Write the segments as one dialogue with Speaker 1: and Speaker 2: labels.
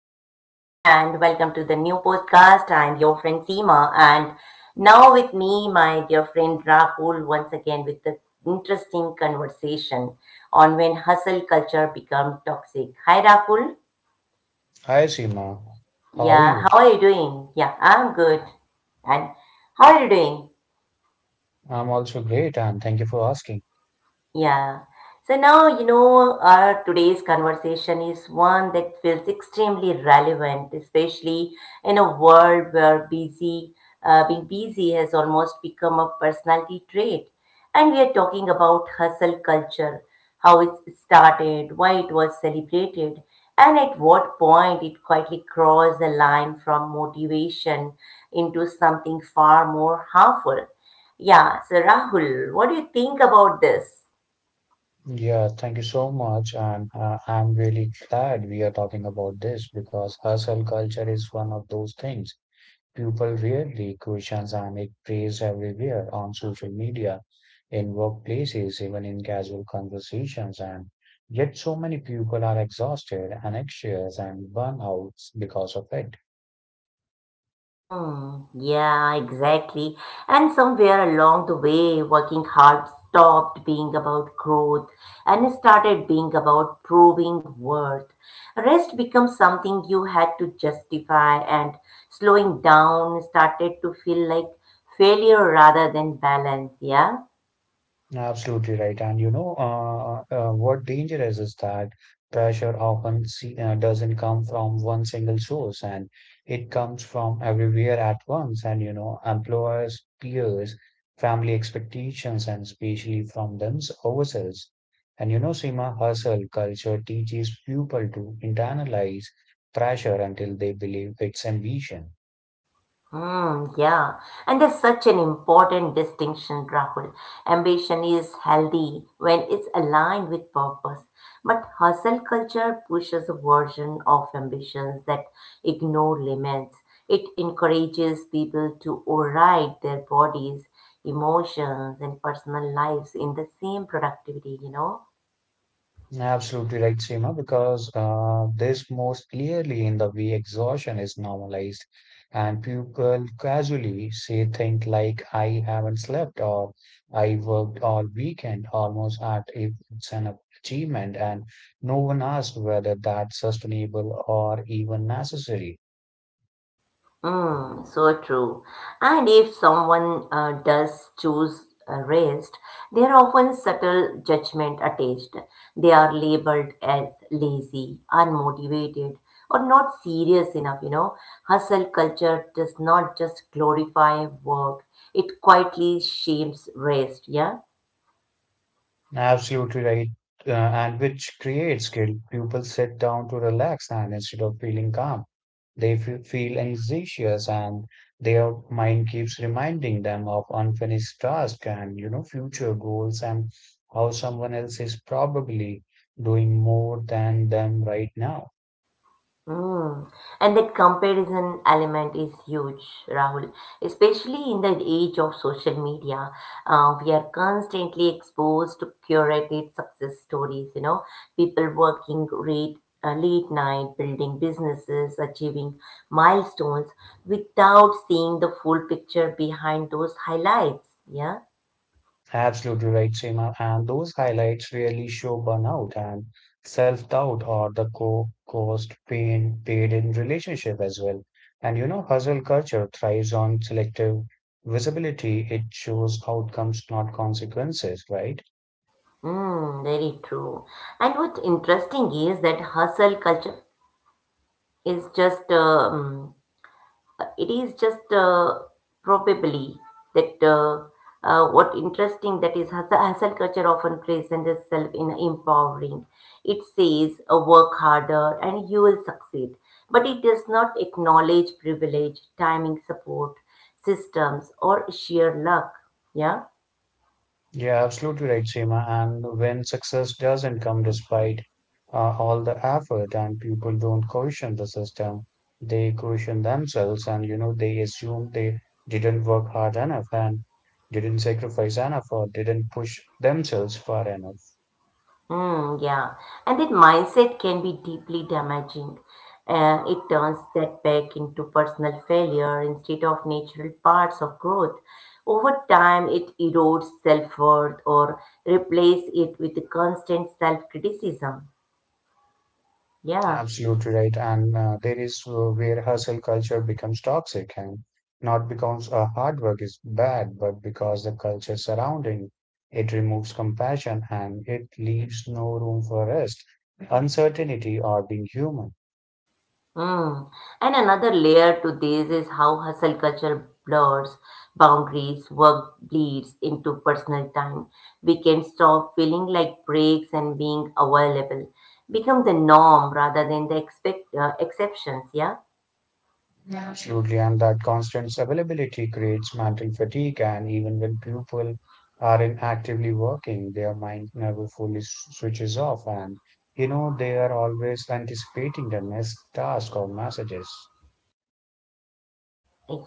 Speaker 1: welcome to the new podcast. I'm your friend Seema, and now with me, my dear friend Rahul, once again with the interesting conversation on when hustle culture become toxic. Hi, Rahul.
Speaker 2: Hi, Seema. How are
Speaker 1: Yeah,
Speaker 2: you?
Speaker 1: how are you doing? Yeah, I'm good. And how are you doing?
Speaker 2: I'm also great, and thank you for asking.
Speaker 1: Yeah. So now, you know, our today's conversation is one that feels extremely relevant, especially in a world where being busy has almost become a personality trait. And we are talking about hustle culture, how it started, why it was celebrated, and at what point it quietly crossed the line from motivation into something far more harmful. Yeah. So Rahul, what do you think about this?
Speaker 2: Yeah, thank you so much. And I'm really glad we are talking about this because hustle culture is one of those things people rarely question, and it plays everywhere on social media, in workplaces, even in casual conversations. And yet, so many people are exhausted and anxious and burnouts because of it.
Speaker 1: Mm, yeah, exactly. And somewhere along the way, working hard stopped being about growth and started being about proving worth. Rest becomes something you had to justify, and slowing down started to feel like failure rather than balance. Yeah.
Speaker 2: Absolutely right. And you know, what danger is that pressure often see, doesn't come from one single source and it comes from everywhere at once. And you know, employers, peers, family expectations, and especially from them ourselves. And you know, Seema, hustle culture teaches people to internalize pressure until they believe it's ambition.
Speaker 1: Hmm, yeah, and that's such an important distinction, Rahul. Ambition is healthy when it's aligned with purpose, but hustle culture pushes a version of ambitions that ignore limits. It encourages people to override their bodies, emotions, and personal lives in the same productivity, you know?
Speaker 2: Absolutely right, Seema, because this most clearly in the way exhaustion is normalized, and people casually say things like, I haven't slept, or I worked all weekend, almost at if it's an achievement, and no one asks whether that's sustainable or even necessary.
Speaker 1: Mm, so true. And if someone does choose rest, there are often subtle judgment attached. They are labeled as lazy, unmotivated, or not serious enough. You know, hustle culture does not just glorify work; it quietly shames rest. Yeah.
Speaker 2: Absolutely right. And which creates guilt. People sit down to relax, and instead of feeling calm. They feel anxious and their mind keeps reminding them of unfinished tasks and, you know, future goals and how someone else is probably doing more than them right now.
Speaker 1: Mm. And that comparison element is huge, Rahul, especially in the age of social media. We are constantly exposed to curated success stories, you know, people working late night, building businesses, achieving milestones without seeing the full picture behind those highlights. Yeah.
Speaker 2: Absolutely right, Seema. And those highlights really show burnout and self-doubt or the co caused pain paid in relationship as well. And you know, hustle culture thrives on selective visibility. It shows outcomes, not consequences, right?
Speaker 1: Mm, very true. And what's interesting is that hustle culture is just it is just probably that what interesting that is hustle, hustle culture often presents itself in empowering. It says work harder and you will succeed, but it does not acknowledge privilege, timing, support systems, or sheer luck. Yeah.
Speaker 2: Yeah, absolutely right, Seema. And when success doesn't come despite all the effort and people don't question the system, they question themselves and, you know, they assume they didn't work hard enough and didn't sacrifice enough or didn't push themselves far enough.
Speaker 1: Hmm, yeah, and that mindset can be deeply damaging, and it turns setback into personal failure instead of natural parts of growth. Over time, it erodes self worth or replace it with constant self criticism. Yeah.
Speaker 2: Absolutely right. And there is Where hustle culture becomes toxic and not because hard work is bad, but because the culture surrounding it removes compassion and it leaves no room for rest, uncertainty, or being human.
Speaker 1: Mm. And another layer to this is how hustle culture blurs boundaries, work bleeds into personal time. We can stop feeling like breaks and being available, become the norm rather than the expect exceptions. Yeah.
Speaker 2: Absolutely. And that constant availability creates mental fatigue. And even when people are in actively working, their mind never fully switches off. And, you know, they are always anticipating the next task or messages.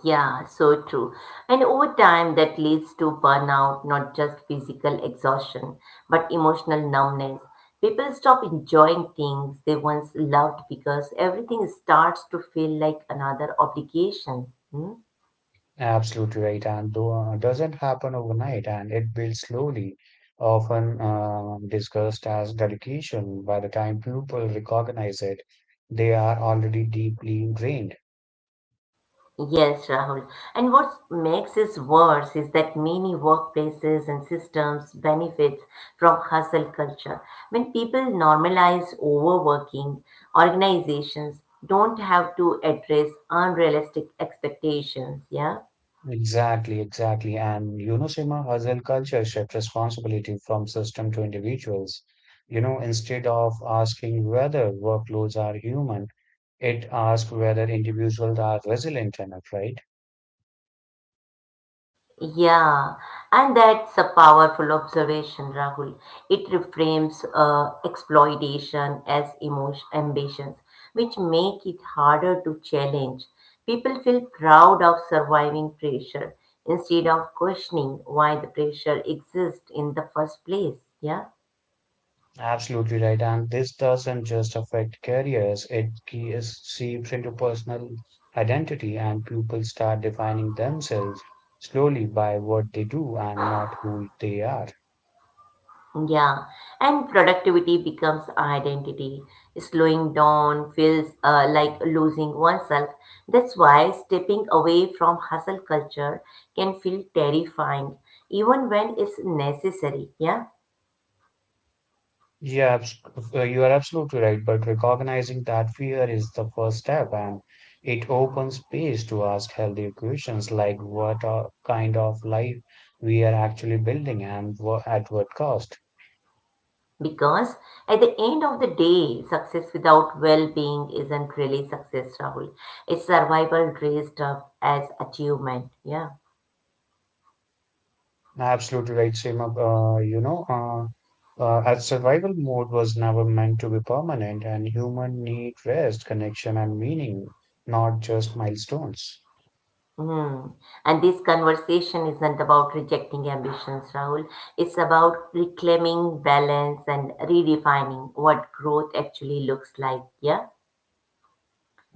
Speaker 1: Yeah, so true. And over time, that leads to burnout, not just physical exhaustion, but emotional numbness. People stop enjoying things they once loved because everything starts to feel like another obligation. Hmm?
Speaker 2: Absolutely right, and though doesn't happen overnight, and it builds slowly, often discussed as dedication. By the time people recognize it, they are already deeply ingrained.
Speaker 1: Yes, Rahul. And what makes this worse is that many workplaces and systems benefits from hustle culture. When people normalize overworking, organizations don't have to address unrealistic expectations. Yeah.
Speaker 2: Exactly, exactly. And you know, Sima, hustle culture shifts responsibility from system to individuals. You know, instead of asking whether workloads are human, it asks whether individuals are resilient enough, right?
Speaker 1: Yeah, and that's a powerful observation, Rahul. It reframes exploitation as emotion, ambitions, which make it harder to challenge. People feel proud of surviving pressure instead of questioning why the pressure exists in the first place. Yeah.
Speaker 2: Absolutely right. And this doesn't just affect careers, it seeps into personal identity, and people start defining themselves slowly by what they do and not who they are.
Speaker 1: Yeah, and productivity becomes identity. Slowing down feels like losing oneself. That's why stepping away from hustle culture can feel terrifying, even when it's necessary. Yeah,
Speaker 2: Yeah, abs- you are absolutely right. But recognizing that fear is the first step, and it opens space to ask healthy questions like what kind of life we are actually building and at what cost.
Speaker 1: because at the end of the day, success without well being isn't really success, Rahul. It's survival dressed up as achievement. Yeah.
Speaker 2: Absolutely right, Seema. As survival mode was never meant to be permanent, and human need rest, connection, and meaning, not just milestones.
Speaker 1: Hmm. And this conversation isn't about rejecting ambitions, Rahul. It's about reclaiming balance and redefining what growth actually looks like. Yeah.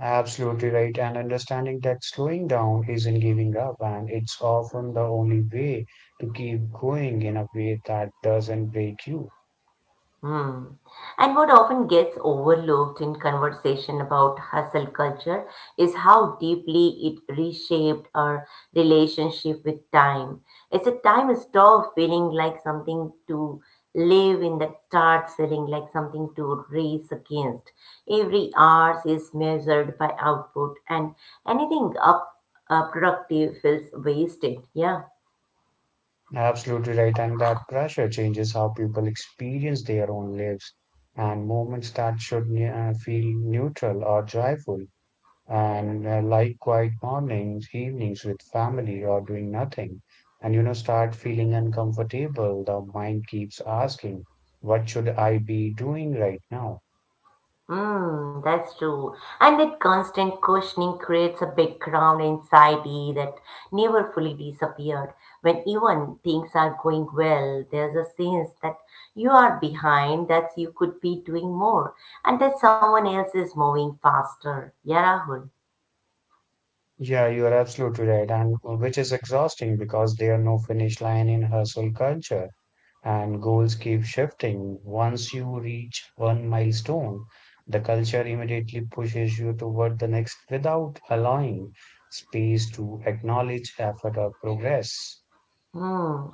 Speaker 2: Absolutely right, and understanding that slowing down isn't giving up, and it's often the only way to keep going in a way that doesn't break you.
Speaker 1: Hmm. And what often gets overlooked in conversation about hustle culture is how deeply it reshaped our relationship with time. As a time stopped feeling like something to live in that starts feeling like something to race against. Every hour is measured by output and anything up productive feels wasted. Yeah.
Speaker 2: Absolutely right, and that pressure changes how people experience their own lives and moments that should feel neutral or joyful and like quiet mornings, evenings with family or doing nothing, and you know, start feeling uncomfortable. The mind keeps asking, what should I be doing right now?
Speaker 1: Mm, that's true. And that constant questioning creates a background anxiety that never fully disappeared. When even things are going well, there's a sense that you are behind, that you could be doing more, and that someone else is moving faster. Yeah, Rahul.
Speaker 2: Yeah, you are absolutely right, and which is exhausting because there are no finish line in hustle culture, and goals keep shifting. Once you reach one milestone, the culture immediately pushes you toward the next without allowing space to acknowledge effort or progress.
Speaker 1: Hmm.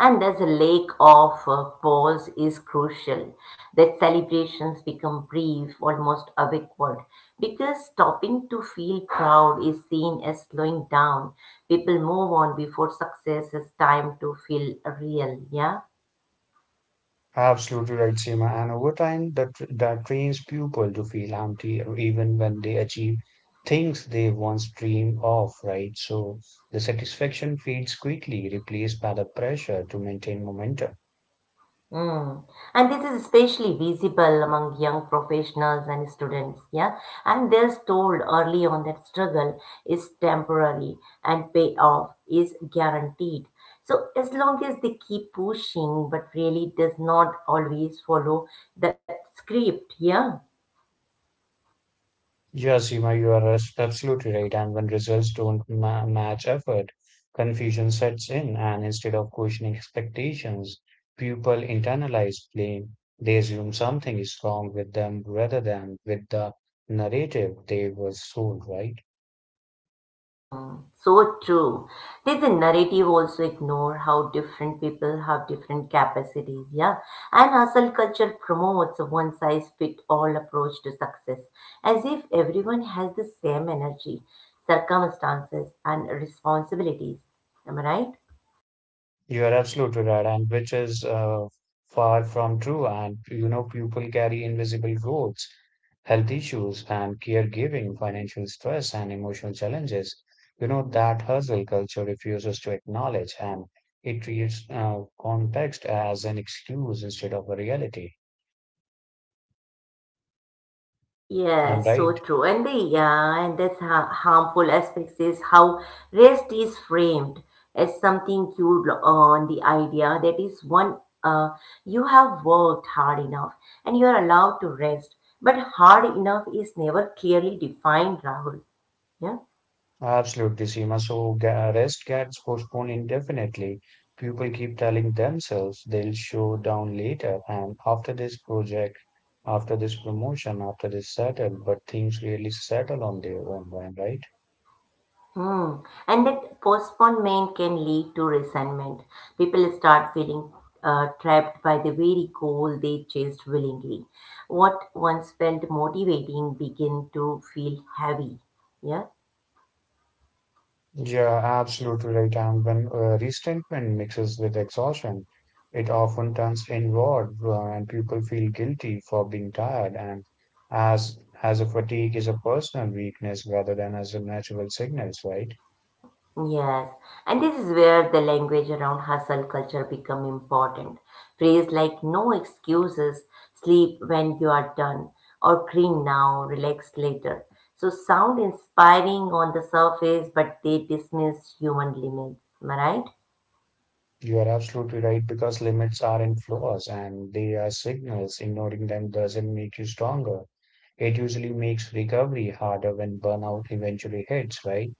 Speaker 1: And there's a lake of pause is crucial. That celebrations become brief, almost awkward, because stopping to feel proud is seen as slowing down. People move on before success has time to feel real. Yeah.
Speaker 2: Absolutely right, Seema. And over time, that trains people to feel empty even when they achieve things they once dreamed of, right? So the satisfaction fades quickly, replaced by the pressure to maintain momentum.
Speaker 1: Mm. And this is especially visible among young professionals and students, yeah. And they're told early on that struggle is temporary and payoff is guaranteed. So as long as they keep pushing, but really does not always follow that script, yeah.
Speaker 2: Yes, you are absolutely right. And when results don't ma match effort, confusion sets in, and instead of questioning expectations, people internalize blame. They assume something is wrong with them rather than with the narrative they were sold, right?
Speaker 1: So true. Did the narrative also ignore how different people have different capacities? Yeah. And hustle culture promotes a one size fit all approach to success, as if everyone has the same energy, circumstances, and responsibilities. Am I right?
Speaker 2: You are absolutely right, and which is far from true. And you know, people carry invisible goals, health issues, and caregiving, financial stress, and emotional challenges. You know, that hustle culture refuses to acknowledge, and it treats context as an excuse instead of a reality. I'm
Speaker 1: Yes, so
Speaker 2: right.
Speaker 1: true. And the yeah, and that's ha harmful aspects is how rest is framed as something cued on the idea that is one you have worked hard enough and you are allowed to rest. But hard enough is never clearly defined, Rahul. Yeah.
Speaker 2: Absolutely, Seema. So arrest gets postponed indefinitely. People keep telling themselves they'll show down later and after this project, after this promotion, after this settle, but things really settle on their own, when, right?
Speaker 1: Hmm. And that postponement can lead to resentment. People start feeling trapped by the very goal they chased willingly. What once felt motivating begin to feel heavy. Yeah.
Speaker 2: Yeah, absolutely right. And when resentment mixes with exhaustion, it often turns inward, and people feel guilty for being tired. And as a fatigue is a personal weakness rather than as a natural sickness, right?
Speaker 1: Yes, and this is where the language around hustle culture become important. Phrase like no excuses, sleep when you are done, or clean now, relax later. So sound inspiring on the surface, but they dismiss human limits. Am I right?
Speaker 2: You are absolutely right because limits aren't flaws and they are signals. Ignoring them doesn't make you stronger. It usually makes recovery harder when burnout eventually hits, right?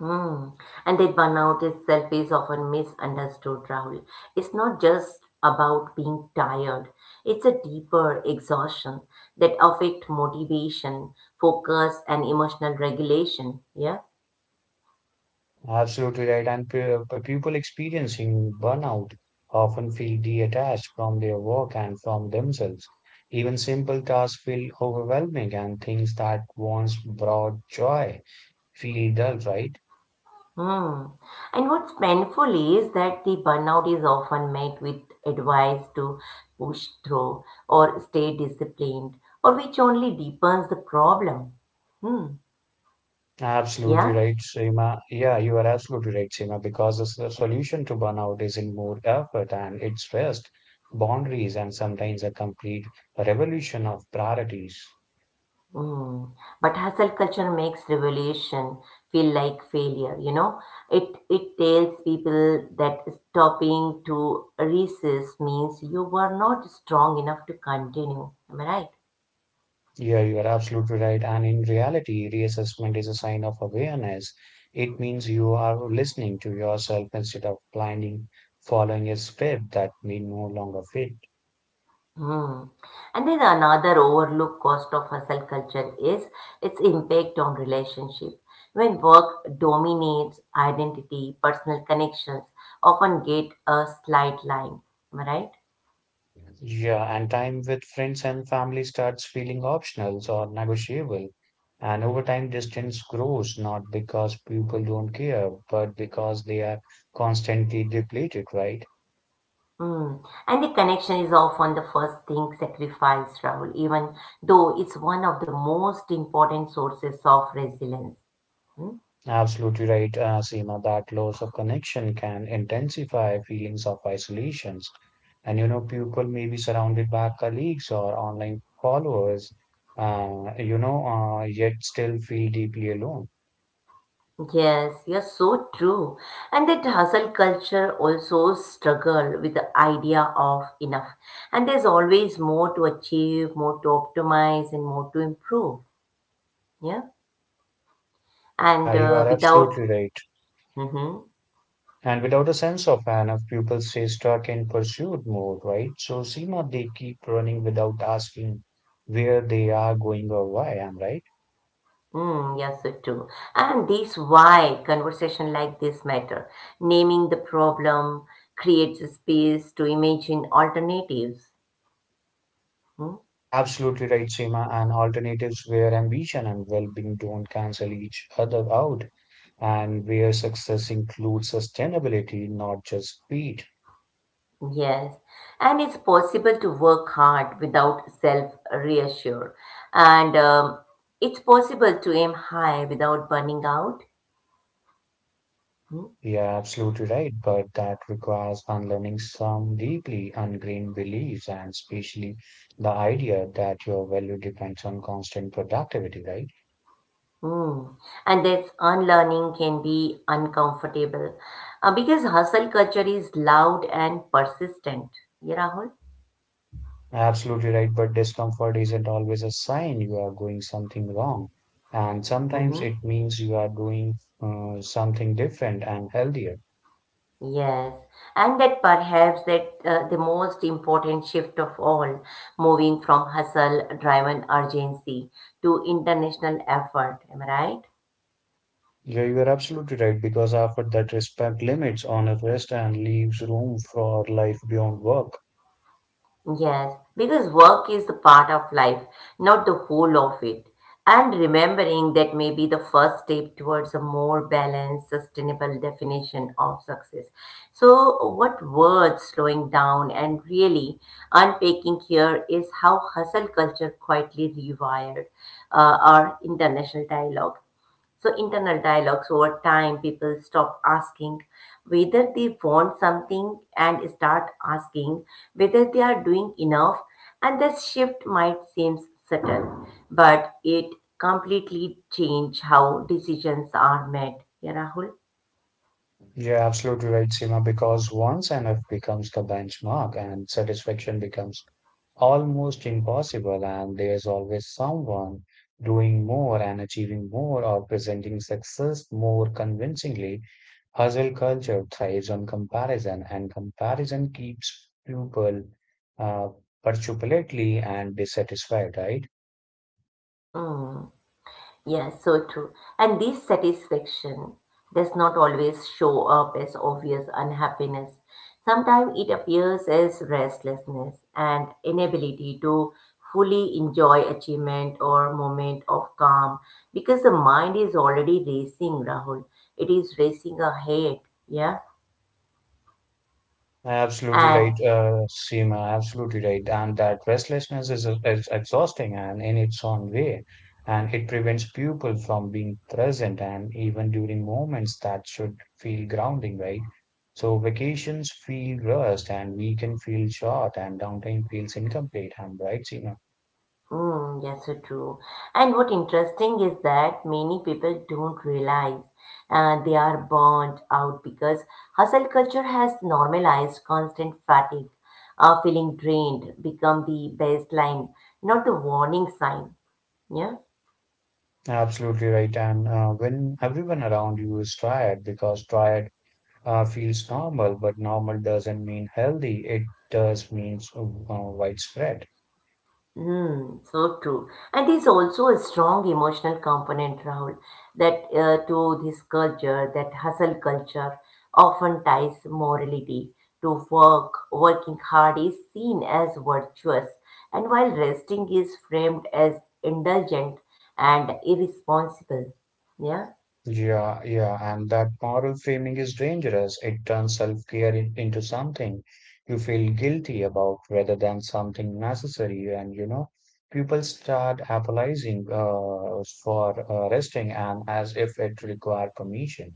Speaker 1: Hmm. And that burnout itself is often misunderstood, Rahul. It's not just about being tired. It's a deeper exhaustion that affect motivation, focus, and emotional regulation. Yeah.
Speaker 2: Absolutely right. And people experiencing burnout often feel detached from their work and from themselves. Even simple tasks feel overwhelming and things that once brought joy feel dull, right?
Speaker 1: Hmm. And what's painful is that the burnout is often met with advice to push through or stay disciplined, or which only deepens the problem. Hmm.
Speaker 2: Absolutely
Speaker 1: Yeah.
Speaker 2: right, Seema. Yeah, you are absolutely right, Seema, because the solution to burnout is in more effort and it's rest, boundaries, and sometimes a complete revolution of priorities.
Speaker 1: Mm. But hustle culture makes revolution feel like failure, you know? It tells people that stopping to resist means you were not strong enough to continue. Am I right?
Speaker 2: Yeah, you are absolutely right. And in reality, reassessment is a sign of awareness. It means you are listening to yourself instead of blinding, following a script that may no longer fit.
Speaker 1: Hmm. And then another overlooked cost of hustle culture is its impact on relationship. When work dominates identity, personal connections often get a slight line. Am I right?
Speaker 2: Yeah, and time with friends and family starts feeling optional or negotiable. And over time, distance grows not because people don't care, but because they are constantly depleted, right?
Speaker 1: Mm. And the connection is often the first thing sacrificed, Rahul, even though it's one of the most important sources of resilience. Hmm?
Speaker 2: Absolutely right, Seema, that loss of connection can intensify feelings of isolations. And you know, people may be surrounded by colleagues or online followers, yet still feel deeply alone.
Speaker 1: Yes, you're so true. And that hustle culture also struggle with the idea of enough. And there's always more to achieve, more to optimize, and more to improve. Yeah. And
Speaker 2: Yeah, you are
Speaker 1: without,
Speaker 2: absolutely right.
Speaker 1: mhm.
Speaker 2: And without a sense of an, if people stay stuck in pursuit mode, right? So, Seema, they keep running without asking where they are going or why, am I right?
Speaker 1: Mm, yes, it too. And this why conversation like this matter. Naming the problem creates a space to imagine alternatives. Hmm?
Speaker 2: Absolutely right, Seema. And alternatives where ambition and well being don't cancel each other out, and where success includes sustainability, not just speed.
Speaker 1: Yes. And it's possible to work hard without self-reassure. And it's possible to aim high without burning out. Hmm?
Speaker 2: You're absolutely right, but that requires unlearning some deeply ingrained beliefs and especially the idea that your value depends on constant productivity, right?
Speaker 1: Mm. And this unlearning can be uncomfortable because hustle culture is loud and persistent. Yeah, Rahul?
Speaker 2: Absolutely right, but discomfort isn't always a sign you are doing something wrong. And sometimes
Speaker 1: Mm-hmm.
Speaker 2: it means you are doing something different and healthier.
Speaker 1: Yes, and that perhaps that the most important shift of all, moving from hustle driven urgency to international effort, am I right?
Speaker 2: Yeah, you are absolutely right because after that respect limits on a rest and leaves room for life beyond work.
Speaker 1: Yes, because work is the part of life, not the whole of it. And remembering that may be the first step towards a more balanced, sustainable definition of success. So, what words slowing down and really unpacking here is how hustle culture quietly rewired our international dialogue. So, internal dialogues over time, people stop asking whether they want something and start asking whether they are doing enough. And this shift might seem subtle, but it completely changes how decisions are made. Yeah, Rahul?
Speaker 2: You're absolutely right, Seema, because once NF becomes the benchmark and satisfaction becomes almost impossible, and there's always someone doing more and achieving more or presenting success more convincingly. Hustle culture thrives on comparison, and comparison keeps people uh, perpetually and dissatisfied, right?
Speaker 1: Hmm. Yeah, so true. And this satisfaction does not always show up as obvious unhappiness. Sometimes it appears as restlessness and inability to fully enjoy achievement or moment of calm because the mind is already racing, Rahul. It is racing ahead, yeah,
Speaker 2: Absolutely right,
Speaker 1: and
Speaker 2: Seema. Absolutely right. And that restlessness is exhausting and in its own way. And it prevents people from being present and even during moments that should feel grounding, right? So vacations feel rushed and weekend feel short and downtime feels incomplete. I'm right, Seema.
Speaker 1: mm, yes, so true. And what interesting is that many people don't realize they are burned out because hustle culture has normalized constant fatigue. Feeling drained become the baseline, not the warning sign. Yeah.
Speaker 2: Absolutely right. And when everyone around you is tired because tired feels normal, but normal doesn't mean healthy. It does means widespread.
Speaker 1: Hmm, so true. And there's also a strong emotional component, Rahul, that to this culture, that hustle culture often ties morality to work. Working hard is seen as virtuous, and while resting is framed as indulgent and irresponsible. Yeah.
Speaker 2: Yeah, and that moral framing is dangerous. It turns self-care into something you feel guilty about rather than something necessary. And you know, people start apologizing for resting and as if it required permission.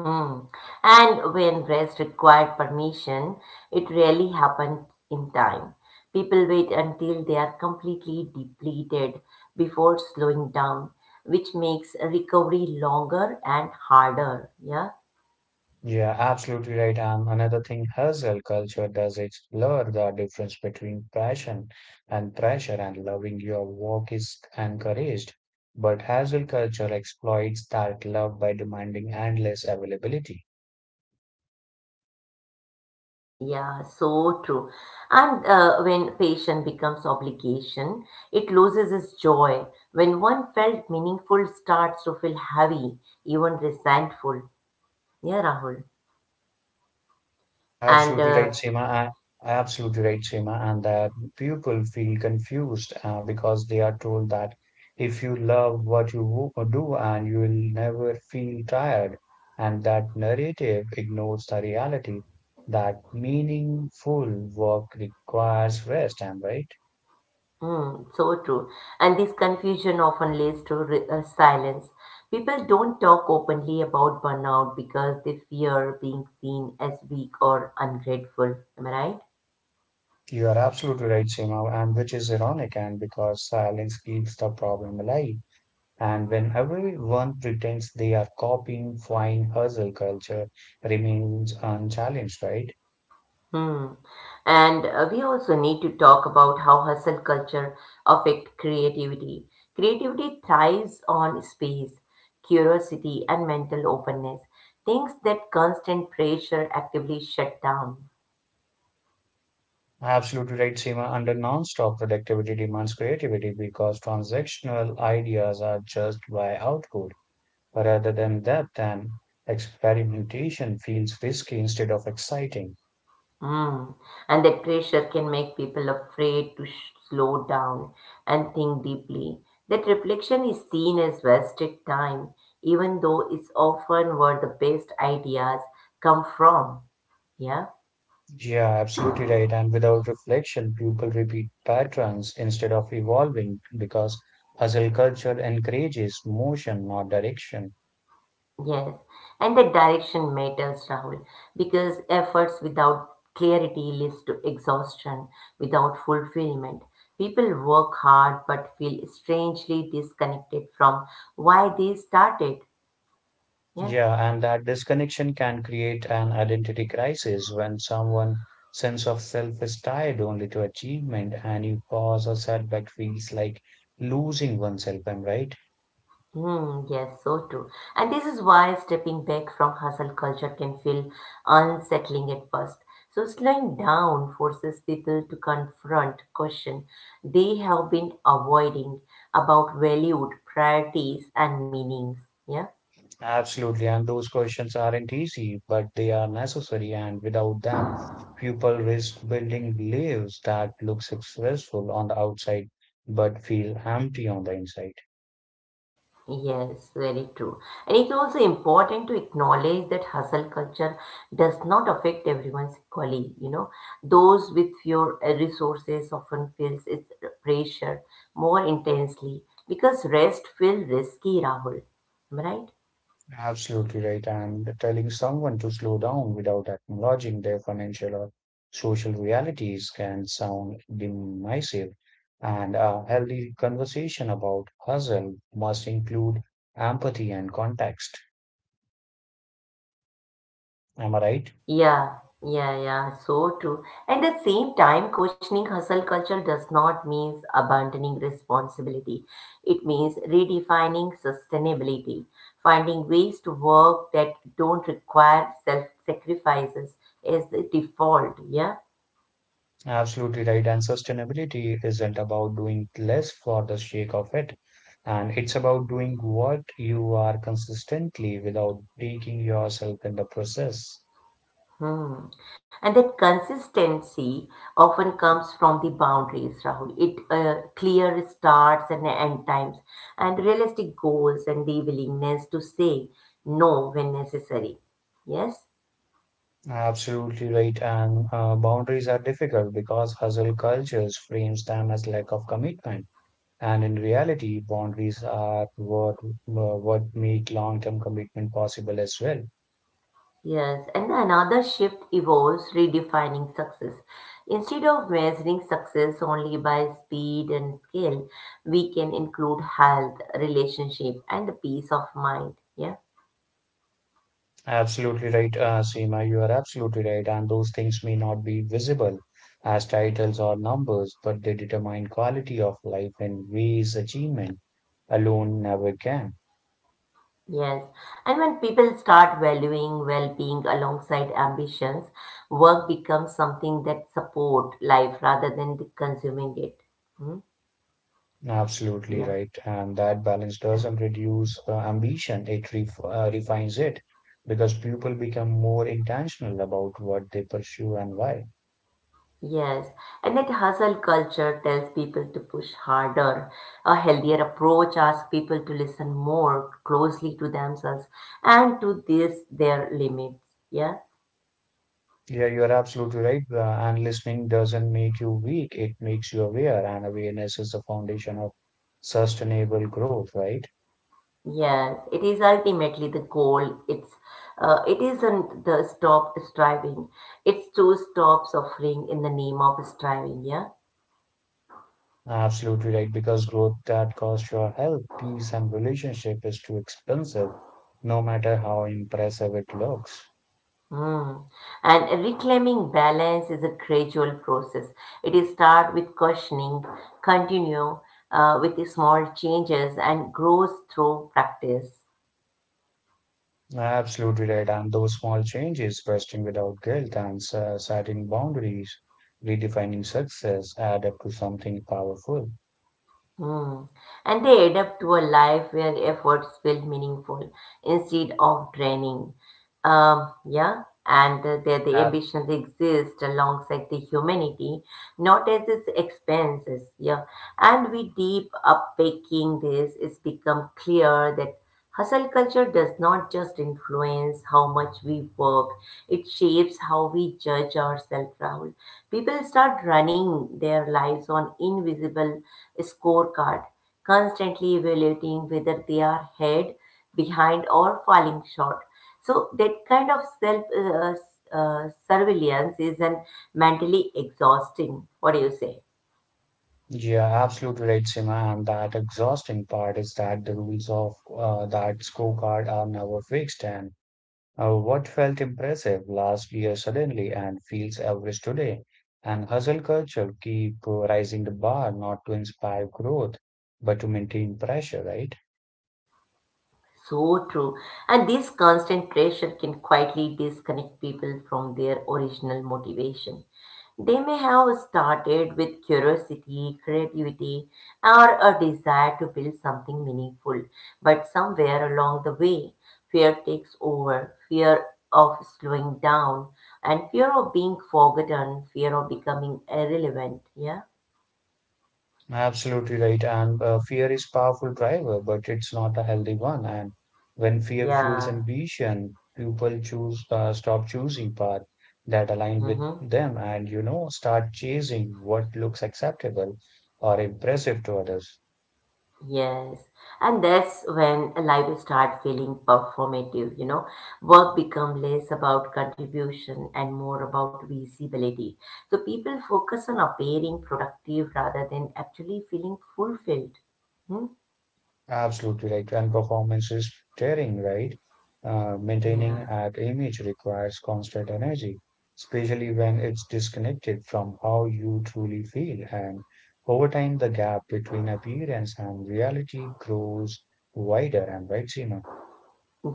Speaker 1: Mm. And when rest required permission, it rarely happened in time. People wait until they are completely depleted before slowing down, which makes recovery longer and harder. Yeah,
Speaker 2: Yeah, absolutely right. And another thing hustle culture does is blur the difference between passion and pressure and loving your work is encouraged. But hustle culture exploits that love by demanding endless availability.
Speaker 1: yeah, so true. And when patient becomes obligation, it loses its joy. When one felt meaningful, starts to feel heavy, even resentful. Yeah, Rahul, and
Speaker 2: Absolutely right, Seema. I- Absolutely right, Seema. And that people feel confused because they are told that if you love what you do and you will never feel tired. And that narrative ignores the reality that meaningful work requires rest, am I right?
Speaker 1: mm, so true. And this confusion often leads to silence. People don't talk openly about burnout because they fear being seen as weak or ungrateful. Am I right?
Speaker 2: You are absolutely right, Seema, and which is ironic, and because silence keeps the problem alive. And when everyone pretends they are copying, fine hustle culture remains unchallenged, right?
Speaker 1: Hmm. And we also need to talk about how hustle culture affect creativity. Creativity thrives on space, curiosity, and mental openness. Things that constant pressure actively shut down.
Speaker 2: Absolutely right, Seema. Under non-stop productivity demands creativity because transactional ideas are judged by output rather than depth and experimentation feels risky instead of exciting.
Speaker 1: Mm. And that pressure can make people afraid to slow down and think deeply. That reflection is seen as wasted time, even though it's often where the best ideas come from. Yeah,
Speaker 2: Yeah, absolutely right. And without reflection, people repeat patterns instead of evolving because hustle culture encourages motion, not direction.
Speaker 1: yes. And the direction matters, Rahul, because efforts without clarity leads to exhaustion, without fulfillment. People work hard but feel strangely disconnected from why they started. Yeah.
Speaker 2: Yeah, and that disconnection can create an identity crisis when someone's sense of self is tied only to achievement, and you pause or setback feels like losing oneself. Am I right?
Speaker 1: Yes, so true. And this is why stepping back from hustle culture can feel unsettling at first. So slowing down forces people to confront questions they have been avoiding about valued priorities and meanings. Yeah.
Speaker 2: Absolutely. And those questions aren't easy, but they are necessary. And without them, people risk building lives that look successful on the outside but feel empty on the inside.
Speaker 1: Yes, very true. And it's also important to acknowledge that hustle culture does not affect everyone equally. Those with fewer resources often feels its pressure more intensely because rest feels risky, Rahul. Am I right?
Speaker 2: Absolutely right. And telling someone to slow down without acknowledging their financial or social realities can sound dismissive. And a healthy conversation about hustle must include empathy and context. Am I right?
Speaker 1: Yeah, yeah, yeah, so true. And at the same time, questioning hustle culture does not mean abandoning responsibility. It means redefining sustainability, finding ways to work that don't require self-sacrifices as the default. Yeah.
Speaker 2: Absolutely right. And sustainability isn't about doing less for the sake of it. And it's about doing what you are consistently without breaking yourself in the process.
Speaker 1: Hmm. And that consistency often comes from the boundaries, Rahul. It Clear starts and end times, and realistic goals, and the willingness to say no when necessary. Yes,
Speaker 2: Absolutely right. And boundaries are difficult because hustle cultures frames them as lack of commitment. And in reality, boundaries are what make long-term commitment possible as well.
Speaker 1: yes. And another shift evolves redefining success. Instead of measuring success only by speed and scale, we can include health, relationship, and the peace of mind. Yeah?
Speaker 2: Absolutely right, Seema. You are absolutely right. And those things may not be visible as titles or numbers, but they determine quality of life in ways achievement alone never can.
Speaker 1: Yes, and when people start valuing well-being alongside ambitions, work becomes something that support life rather than consuming it. Hmm?
Speaker 2: Absolutely
Speaker 1: Yeah.
Speaker 2: right. And that balance
Speaker 1: Uh,
Speaker 2: doesn't reduce ambition, it refines it because people become more intentional about what they pursue and why.
Speaker 1: Yes, and that hustle culture tells people to push harder. A healthier approach asks people to listen more closely to themselves and to this their limits. Yeah.
Speaker 2: Yeah, you're absolutely right. And listening doesn't make you weak, it makes you aware, and awareness is the foundation of sustainable growth, right?
Speaker 1: Yes, it is ultimately the goal. It's it isn't the stop striving. It's to stop suffering in the name of striving. Yeah.
Speaker 2: Absolutely right. Because growth that costs your health, peace, and relationship is too expensive, no matter how impressive it looks.
Speaker 1: Mm. And reclaiming balance is a gradual process. It is start with questioning, continue with the small changes, and grows through practice.
Speaker 2: Absolutely right. And those small changes, questioning without guilt and setting boundaries, redefining success, add up to something powerful.
Speaker 1: Hmm. And they adapt to a life where efforts feel meaningful instead of draining. Yeah, and the
Speaker 2: Ab-
Speaker 1: ambitions exist alongside the humanity, not as its expenses. Yeah, and with deep upbreaking, this it's become clear that hustle culture does not just influence how much we work, it shapes how we judge ourselves, Rahul. People start running their lives on invisible scorecard, constantly evaluating whether they are ahead, behind, or falling short. So that kind of self surveillance is an mentally exhausting. What do you say?
Speaker 2: Yeah, absolutely right, Sima. And that exhausting part is that the rules of that scorecard are never fixed. And what felt impressive last year suddenly and feels average today. And hustle culture keep rising the bar, not to inspire growth, but to maintain pressure, right?
Speaker 1: So true. And this constant pressure can quietly disconnect people from their original motivation. They may have started with curiosity, creativity, or a desire to build something meaningful, but somewhere along the way, fear takes over fear of slowing down, and fear of being forgotten, fear of becoming irrelevant. Yeah?
Speaker 2: Absolutely right. And fear is powerful driver, but it's not a healthy one. And when fear fuels
Speaker 1: Yeah.
Speaker 2: ambition, people choose stop choosing path that align with
Speaker 1: Mm-hmm.
Speaker 2: them, and you know start chasing what looks acceptable or impressive to others.
Speaker 1: Yes, and that's when life start feeling performative, Work become less about contribution and more about visibility. So people focus on appearing productive rather than actually feeling fulfilled. Hmm?
Speaker 2: Absolutely, like, and performance is tearing, right? Maintaining
Speaker 1: Yeah.
Speaker 2: that image requires constant energy, especially when it's disconnected from how you truly feel. And over time, the gap between appearance and reality grows wider. And right, Seema?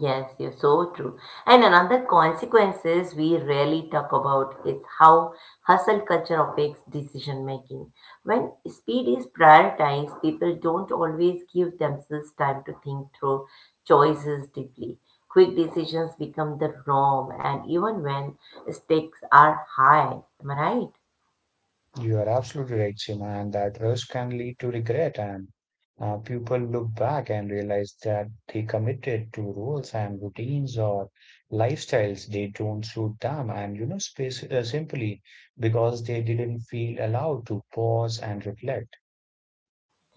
Speaker 1: Yes, yes, so true. And another consequences we rarely talk about is how hustle culture affects decision making. When speed is prioritized, people don't always give themselves time to think through choices deeply. Quick decisions become the norm, and even when stakes are high, am I right?
Speaker 2: You are absolutely right, Seema, and that rush can lead to regret, and people look back and realize that they committed to roles and routines or lifestyles they don't suit them, and you know, simply because they didn't feel allowed to pause and reflect.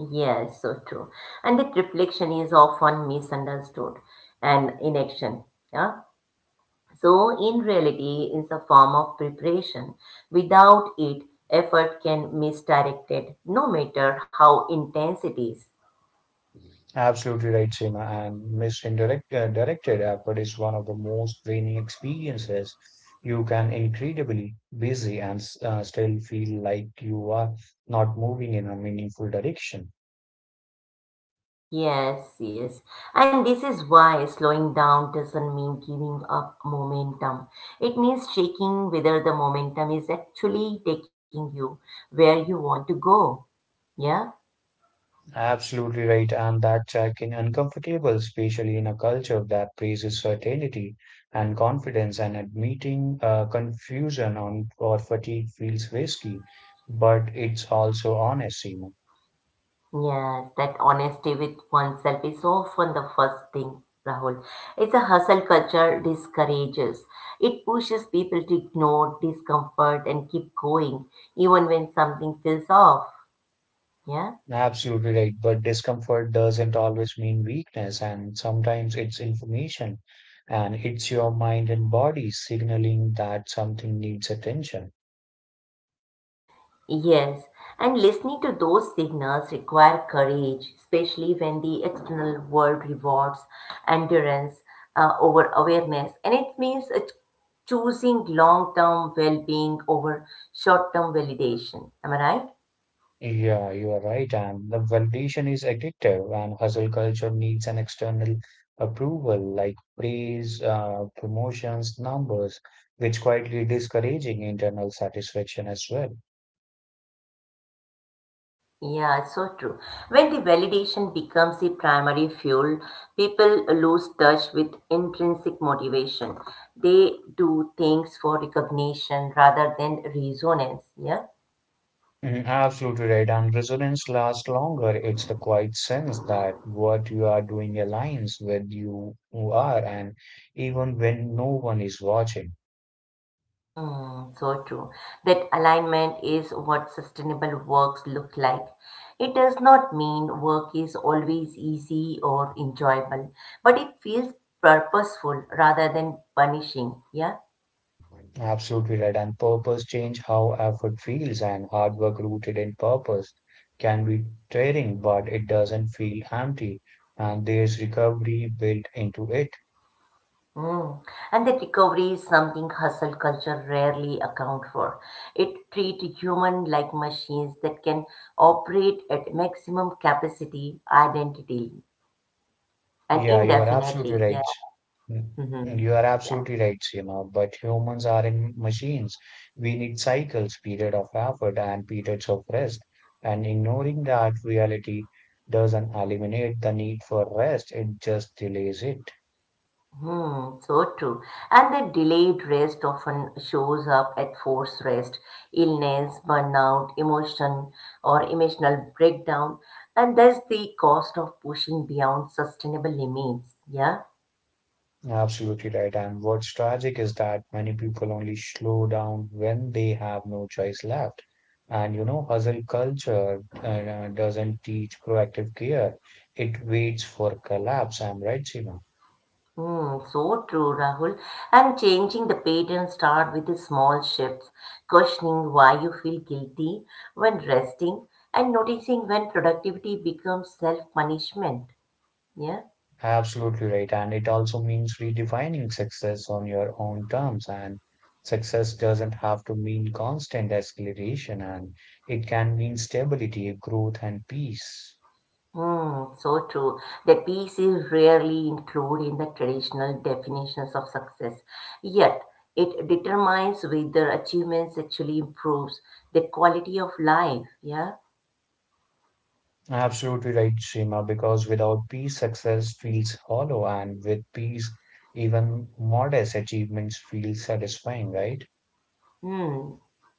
Speaker 1: Yes, so true. And that reflection is often misunderstood and inaction. Yeah. So, in reality, is a form of preparation. Without it, effort can misdirected, no matter how intense it is.
Speaker 2: Absolutely right, Seema. And Miss Indirect Directed Effort is one of the most draining experiences. You can incredibly busy and still feel like you are not moving in a meaningful direction.
Speaker 1: Yes, yes. And this is why slowing down doesn't mean giving up momentum. It means checking whether the momentum is actually taking you where you want to go. Yeah?
Speaker 2: Absolutely right, and that check in uncomfortable, especially in a culture that praises certainty and confidence, and admitting confusion on or fatigue feels risky, but it's also honest, Seema.
Speaker 1: Yes, that honesty with oneself is often the first thing, Rahul. It's a hustle culture discourages. It pushes people to ignore discomfort and keep going, even when something feels off. Yeah?
Speaker 2: Absolutely right. But discomfort doesn't always mean weakness, and sometimes it's information and it's your mind and body signaling that something needs attention.
Speaker 1: Yes, and listening to those signals require courage, especially when the external world rewards endurance over awareness. And it means it's choosing long term well being over short term validation. Am I right?
Speaker 2: Yeah, you are right. And the validation is addictive, and hustle culture needs an external approval like praise, promotions, numbers, which quietly discouraging internal satisfaction as well.
Speaker 1: Yeah, it's so true. When the validation becomes the primary fuel, people lose touch with intrinsic motivation. They do things for recognition rather than resonance. Yeah.
Speaker 2: Mm, absolutely right. And resilience lasts longer. It's the quiet sense that what you are doing aligns with you who are, and even when no one is watching.
Speaker 1: Mm, so true. That alignment is what sustainable works look like. It does not mean work is always easy or enjoyable, but it feels purposeful rather than punishing. Yeah.
Speaker 2: Absolutely right. And purpose change how effort feels, and hard work rooted in purpose can be tiring, but it doesn't feel empty. And there's recovery built into it.
Speaker 1: Mm. And that recovery is something hustle culture rarely account for. It treat human like machines that can operate at maximum capacity, identity, and
Speaker 2: Yeah, you are absolutely
Speaker 1: indefinitely. Yeah.
Speaker 2: right. Mm,
Speaker 1: Hmm.
Speaker 2: you are
Speaker 1: Yeah.
Speaker 2: absolutely right, Seema. But humans are in machines. We need cycles, period of effort and periods of rest. And ignoring that reality doesn't eliminate the need for rest, it just delays it.
Speaker 1: Hmm. So true. And the delayed rest often shows up at forced rest, illness, burnout, emotion, or emotional breakdown, and that's the cost of pushing beyond sustainable limits. Yeah.
Speaker 2: Absolutely right. And what's tragic is that many people only slow down when they have no choice left. And you know, hustle culture doesn't teach proactive care. It waits for collapse. I'm right, Seema?
Speaker 1: Hmm, so true, Rahul. And changing the pattern start with the small shifts, questioning why you feel guilty when resting, and noticing when productivity becomes self-punishment. Yeah.
Speaker 2: Absolutely right. And it also means redefining success on your own terms. And success doesn't have to mean constant escalation, and it can mean stability, growth, and peace.
Speaker 1: Hmm, so true. The peace is rarely included in the traditional definitions of success. Yet, it determines whether achievements actually improves the quality of life. Yeah.
Speaker 2: Absolutely right, Seema, because without peace, success feels hollow, and with peace, even modest achievements feel satisfying, right?
Speaker 1: Hmm,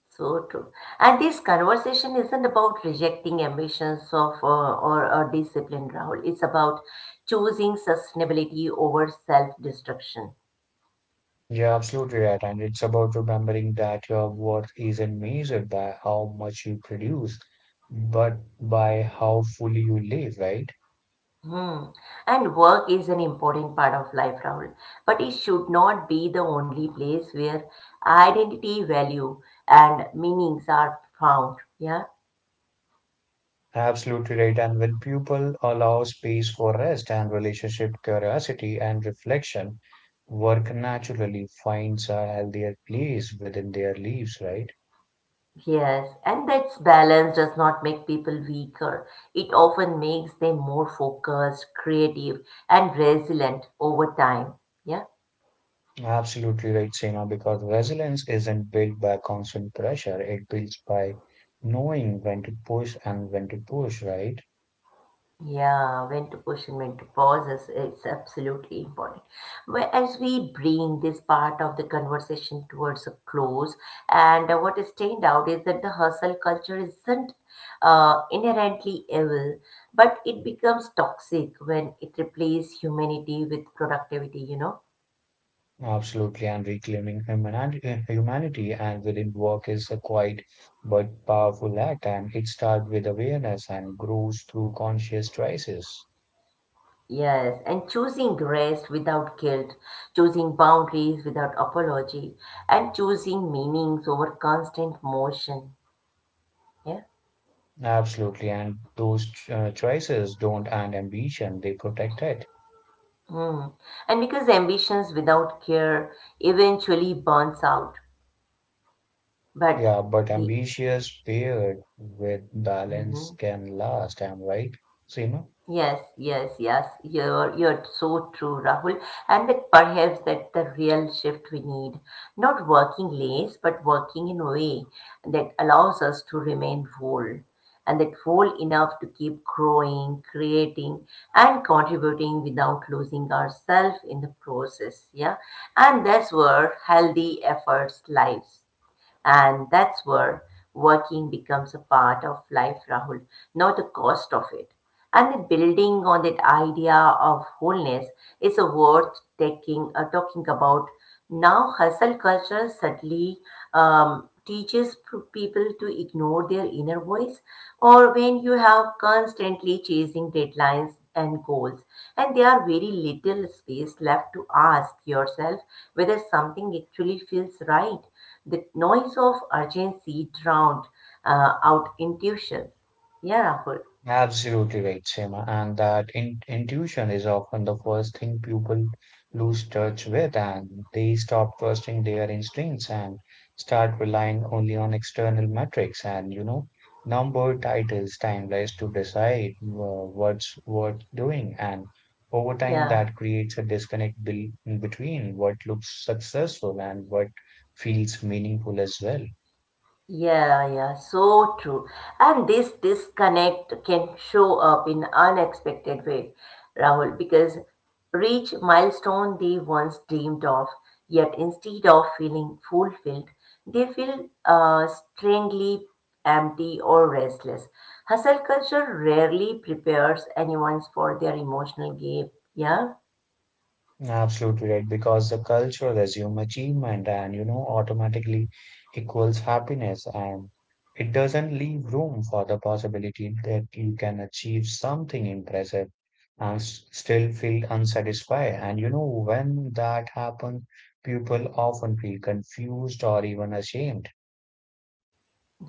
Speaker 1: so true. And this conversation isn't about rejecting ambitions of or a discipline, Rahul. It's about choosing sustainability over self-destruction.
Speaker 2: You're absolutely right, and it's about remembering that your worth isn't measured by how much you produce, but by how fully you live, right?
Speaker 1: Hmm. And work is an important part of life, Rahul. But it should not be the only place where identity, value, and meanings are found. Yeah.
Speaker 2: Absolutely right, and when people allow space for rest and relationship curiosity and reflection, work naturally finds a healthier place within their lives, right?
Speaker 1: Yes, and that balance does not make people weaker. It often makes them more focused, creative, and resilient over time. Yeah,
Speaker 2: Absolutely right, Seema, because resilience isn't built by constant pressure. It builds by knowing when to push and when to push, right?
Speaker 1: yeah, when to push and when to pause is absolutely important. But as we bring this part of the conversation towards a close, and what is stand out is that the hustle culture isn't inherently evil, but it becomes toxic when it replaces humanity with productivity, you know.
Speaker 2: Absolutely. And reclaiming humanity and within work is a quiet but powerful act. And it starts with awareness and grows through conscious choices.
Speaker 1: Yes, and choosing rest without guilt, choosing boundaries without apology, and choosing meanings over constant motion. Yeah.
Speaker 2: Absolutely. And those choices don't end ambition, they protect it.
Speaker 1: Mm. And because ambitions without care eventually burns out, but
Speaker 2: Yeah, but
Speaker 1: the
Speaker 2: ambitious paired with balance
Speaker 1: Mhm.
Speaker 2: can last, am I right, Seema?
Speaker 1: Yes, yes, yes. You're so true, Rahul. And that perhaps that the real shift we need, not working less, but working in a way that allows us to remain whole, and that whole enough to keep growing, creating, and contributing without losing ourselves in the process. Yeah, and that's where healthy efforts lives, and that's where working becomes a part of life, Rahul, not the cost of it. And building on that idea of wholeness is worth talking about. Now, hustle culture suddenly teaches people to ignore their inner voice, or when you have constantly chasing deadlines and goals, and there are very little space left to ask yourself whether something actually feels right. The noise of urgency drowned out intuition. Yeah, Rahul.
Speaker 2: Absolutely right, Seema. And that in intuition is often the first thing people lose touch with, and they stop trusting their instincts and start relying only on external metrics and, you know, number titles, timelines to decide what's worth doing. And over time,
Speaker 1: Yeah.
Speaker 2: that creates a disconnect be between what looks successful and what feels meaningful as well.
Speaker 1: Yeah, yeah, so true. And this disconnect can show up in unexpected way, Rahul, because reach milestone they once dreamed of, yet instead of feeling fulfilled, they feel strangely empty or restless. Hustle culture rarely prepares anyone for their emotional game. Yeah.
Speaker 2: Absolutely right, because the culture assume achievement and you know automatically equals happiness, and it doesn't leave room for the possibility that you can achieve something impressive and still feel unsatisfied. And you know, when that happens, people often feel confused or even ashamed.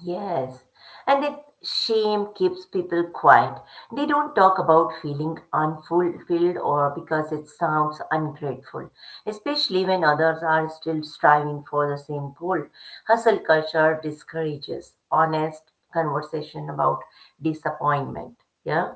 Speaker 1: Yes, and that shame keeps people quiet. They don't talk about feeling unfulfilled or because it sounds ungrateful, especially when others are still striving for the same goal. Hustle culture discourages honest conversation about disappointment. Yeah.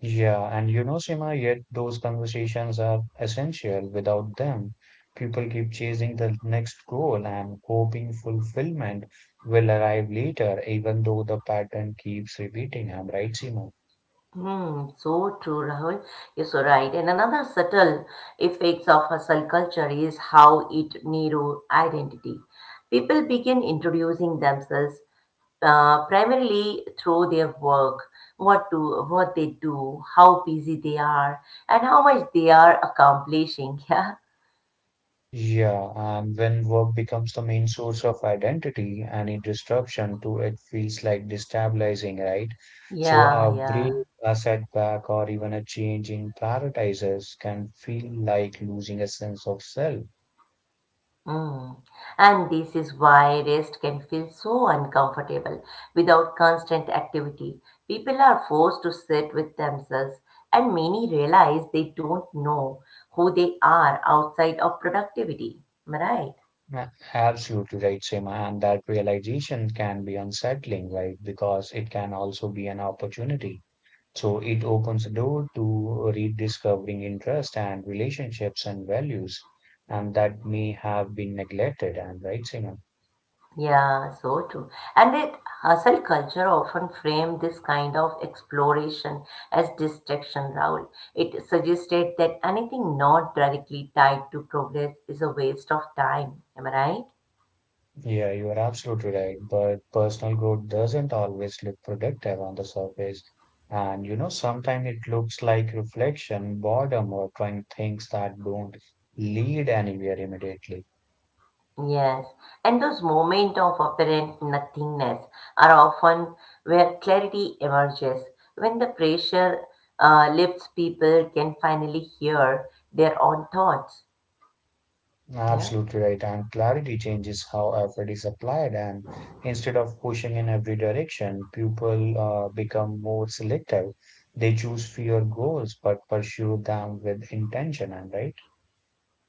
Speaker 2: Yeah, and you know, Sima. Yet those conversations are essential. Without them, people keep chasing the next goal and hoping fulfillment will arrive later, even though the pattern keeps repeating. I'm right, Sima?
Speaker 1: Hmm, so true, Rahul. You're so right. And another subtle effects of hustle culture is how it narrow identity. People begin introducing themselves primarily through their work, what they do, how busy they are, and how much they are accomplishing.
Speaker 2: Yeah, and when work becomes the main source of identity, any disruption to it feels like destabilizing, right? So
Speaker 1: Yeah,
Speaker 2: a
Speaker 1: yeah,
Speaker 2: break,
Speaker 1: yeah.
Speaker 2: a setback, or even a change in prioritizes can feel like losing a sense of self.
Speaker 1: Mm. And this is why rest can feel so uncomfortable without constant activity. People are forced to sit with themselves, and many realize they don't know who they are outside of productivity. Am I right?
Speaker 2: Absolutely right, Seema. And that realization can be unsettling, right? Because it can also be an opportunity. So it opens the door to rediscovering interest and relationships and values, and that may have been neglected. And right, Seema?
Speaker 1: Yeah, so true. And it hustle culture often frame this kind of exploration as distraction, Raul. It suggested that anything not directly tied to progress is a waste of time. Am I right?
Speaker 2: Yeah, you are absolutely right. But personal growth doesn't always look productive on the surface. And you know, sometimes it looks like reflection, boredom, or trying things that don't lead anywhere immediately.
Speaker 1: Yes, and those moments of apparent nothingness are often where clarity emerges. When the pressure lifts, people can finally hear their own thoughts. Yeah.
Speaker 2: Absolutely right. And clarity changes how effort is applied. And instead of pushing in every direction, people become more selective. They choose fewer goals but pursue them with intention. And right,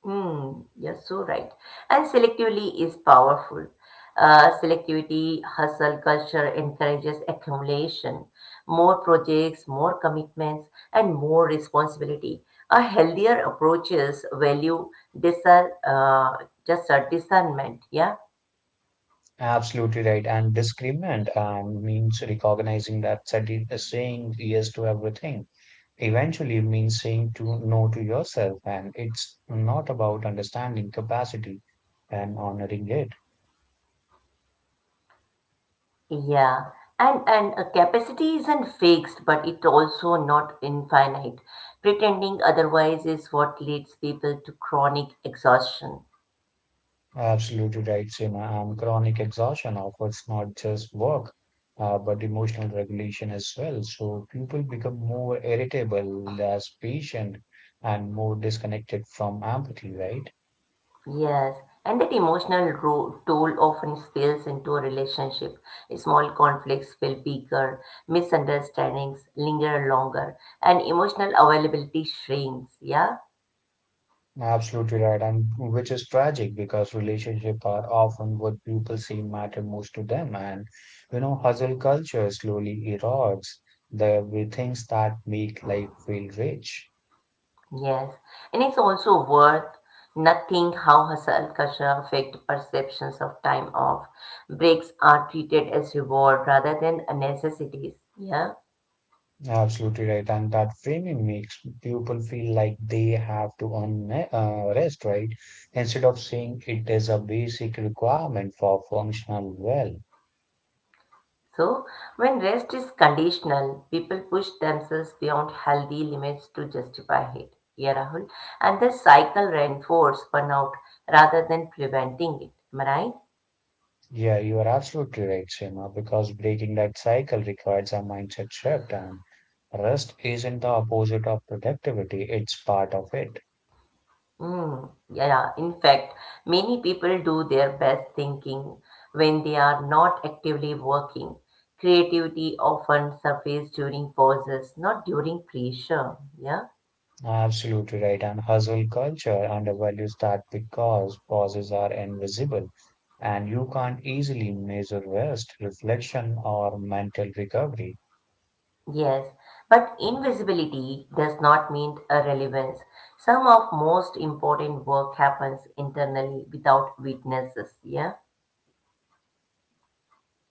Speaker 1: Hmm. You're so right. And selectively is powerful. Hustle culture encourages accumulation, more projects, more commitments, and more responsibility. A healthier approaches value discern, just a discernment. Yeah,
Speaker 2: absolutely right. And discernment means recognizing that saying yes to everything eventually means saying to no to yourself. And it's not about understanding capacity and honoring it.
Speaker 1: yeah. And a capacity isn't fixed, but it also not infinite. Pretending otherwise is what leads people to chronic exhaustion.
Speaker 2: Absolutely right, Seema. Chronic exhaustion offers not just work, but emotional regulation as well. So people become more irritable, less patient, and more disconnected from empathy, right?
Speaker 1: Yes, and that emotional toll often spills into a relationship. Small conflicts feel bigger, misunderstandings linger longer, and emotional availability shrinks. Yeah,
Speaker 2: Absolutely right, and which is tragic because relationships are often what people say matter most to them, and you know, hustle culture slowly erodes the very things that make life feel rich.
Speaker 1: yes, and it's also worth nothing how hustle culture affect perceptions of time off. Breaks are treated as reward rather than a necessities. Yeah.
Speaker 2: Absolutely right. And that framing makes people feel like they have to earn rest, right? Instead of saying it is a basic requirement for functional well.
Speaker 1: So, when rest is conditional, people push themselves beyond healthy limits to justify it. Yeah, Rahul. And the cycle reinforces burnout rather than preventing it. Am I right?
Speaker 2: Yeah, you are absolutely right, Seema, because breaking that cycle requires a mindset shift, and rest isn't the opposite of productivity, it's part of it.
Speaker 1: Mm, yeah. In fact, many people do their best thinking when they are not actively working. Creativity often surfaces during pauses, not during pressure. Yeah.
Speaker 2: Absolutely right. And hustle culture undervalues that because pauses are invisible and you can't easily measure rest, reflection, or mental recovery.
Speaker 1: Yes, but invisibility does not mean irrelevance. Some of most important work happens internally without witnesses. Yeah,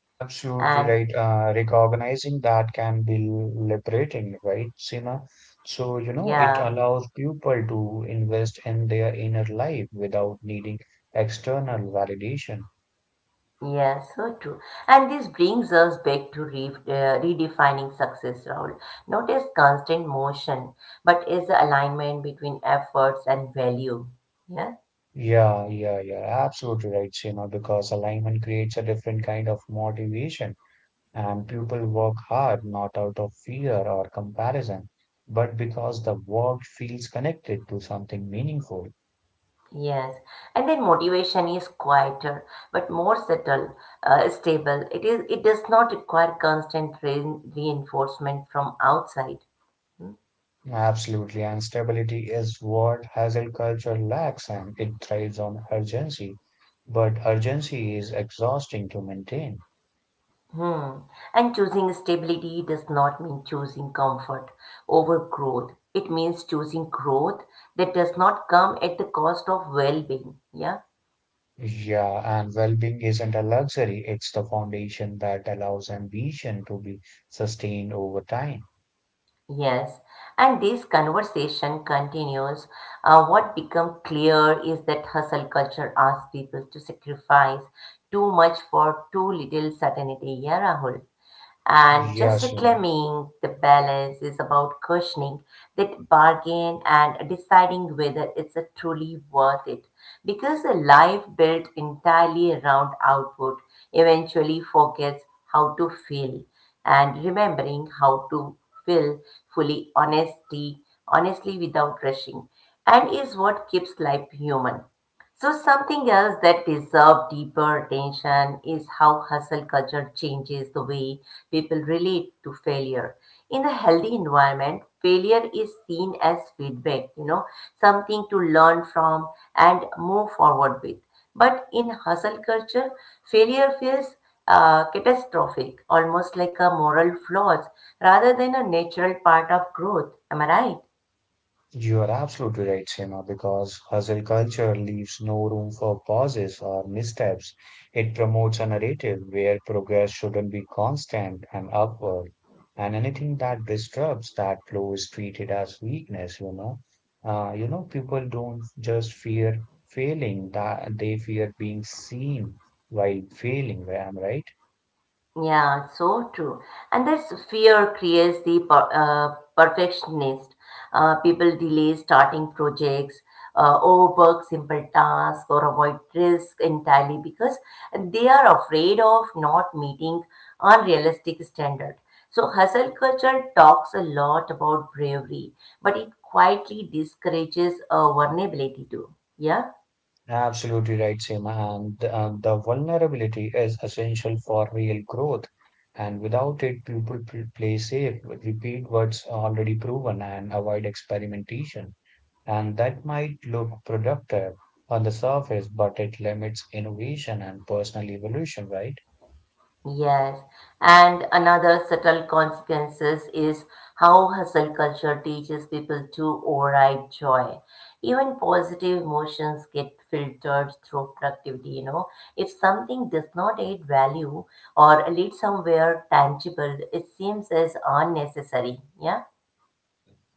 Speaker 2: Absolutely
Speaker 1: and
Speaker 2: right. Recognizing that can be liberating, right, Sima? So, you know, it
Speaker 1: yeah,
Speaker 2: allows people to invest in their inner life without needing external validation.
Speaker 1: yeah, so true. And this brings us back to redefining success, Rahul. Not as constant motion, but as the alignment between efforts and value. Yeah.
Speaker 2: Yeah, yeah, yeah. Absolutely right, Sima, because alignment creates a different kind of motivation And people work hard not out of fear or comparison, but because the work feels connected to something meaningful.
Speaker 1: Yes, and then motivation is quieter but more subtle, stable. It is. It does not require constant reinforcement from outside.
Speaker 2: Absolutely, and stability is what Hazel culture lacks, and it thrives on urgency. But urgency is exhausting to maintain.
Speaker 1: Hmm. And choosing stability does not mean choosing comfort over growth. It means choosing growth that does not come at the cost of well-being. Yeah.
Speaker 2: Yeah, and well being isn't a luxury, it's the foundation that allows ambition to be sustained over time.
Speaker 1: Yes, and this conversation continues. What become clear is that hustle culture asks people to sacrifice too much for too little certainty. Yeah, Rahul. And just
Speaker 2: Yes, you know.
Speaker 1: reclaiming the balance is about questioning that bargain and deciding whether it's a truly worth it. Because a life built entirely around output eventually forgets how to feel. And remembering how to feel fully honestly without rushing, and is what keeps life human. So, something else that deserves deeper attention is how hustle culture changes the way people relate to failure. In a healthy environment, failure is seen as feedback, you know, something to learn from and move forward with. But in hustle culture, failure feels catastrophic, almost like a moral flaw rather than a natural part of growth. Am I right?
Speaker 2: You are absolutely right, Seema, because hustle culture leaves no room for pauses or missteps. It promotes a narrative where progress shouldn't be constant and upward, and anything that disrupts that flow is treated as weakness, you know. You know, people don't just fear failing, that they fear being seen while failing, am I right?
Speaker 1: Yeah, so true. And this fear creates the perfectionist. People delay starting projects, overwork simple tasks, or avoid risk entirely because they are afraid of not meeting unrealistic standard. So hustle culture talks a lot about bravery, but it quietly discourages vulnerability too. Yeah.
Speaker 2: Absolutely right, Seema. And the vulnerability is essential for real growth. And without it, people play safe, repeat what's already proven, and avoid experimentation. And that might look productive on the surface, but it limits innovation and personal evolution, right?
Speaker 1: Yes, and another subtle consequences is how hustle culture teaches people to override joy. Even positive emotions get filtered through productivity, you know. If something does not add value or lead somewhere tangible, it seems as unnecessary. Yeah.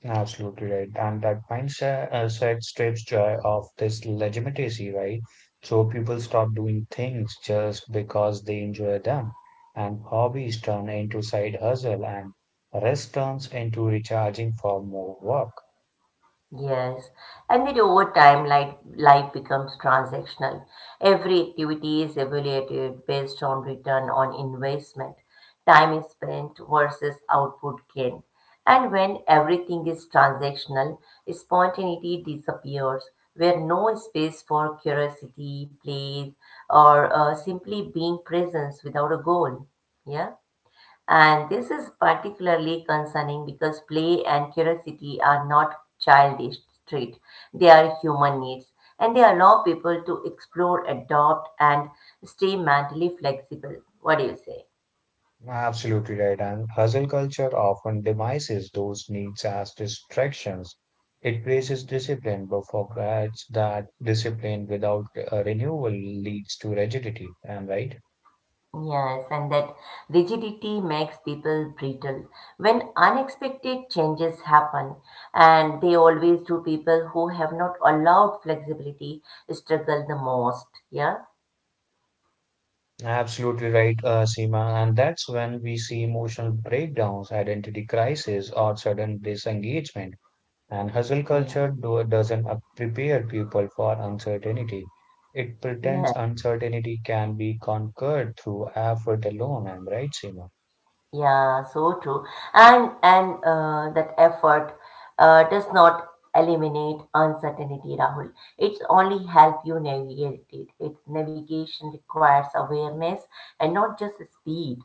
Speaker 2: Absolutely right. And that mindset set strips joy of this legitimacy, right? So people stop doing things just because they enjoy them. And hobbies turn into side hustle and rest turns into recharging for more work.
Speaker 1: Yes, and then over time, life becomes transactional. Every activity is evaluated based on return on investment, time spent versus output gain. And when everything is transactional, spontaneity disappears, where no space for curiosity, play, or simply being present without a goal. Yeah. And this is particularly concerning because play and curiosity are not childish traits, they are human needs, and they allow people to explore, adopt, and stay mentally flexible. What do you say?
Speaker 2: Absolutely right. And hustle culture often demises those needs as distractions. It praises discipline but forgets that discipline without renewal leads to rigidity. Am I right?
Speaker 1: Yes, and that rigidity makes people brittle. When unexpected changes happen, and they always do, people who have not allowed flexibility struggle the most. Yeah,
Speaker 2: Absolutely right, Seema. And that's when we see emotional breakdowns, identity crisis, or sudden disengagement. And hustle
Speaker 1: yeah,
Speaker 2: culture doesn't prepare people for uncertainty. It pretends
Speaker 1: yes.
Speaker 2: uncertainty can be conquered through effort alone. I'm right, Seema?
Speaker 1: Yeah, so true. And that effort does not eliminate uncertainty, Rahul. It's only help you navigate it. Its navigation requires awareness and not just speed.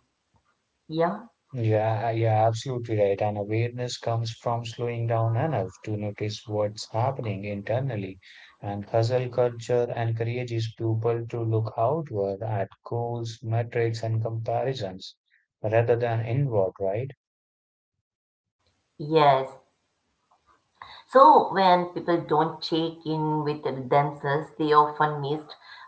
Speaker 1: Yeah.
Speaker 2: Yeah, Absolutely right. And awareness comes from slowing down enough to notice what's happening internally. And hustle culture encourages people to look outward at goals, metrics, and comparisons rather than inward, right?
Speaker 1: Yes. So when people don't check in with themselves, they often miss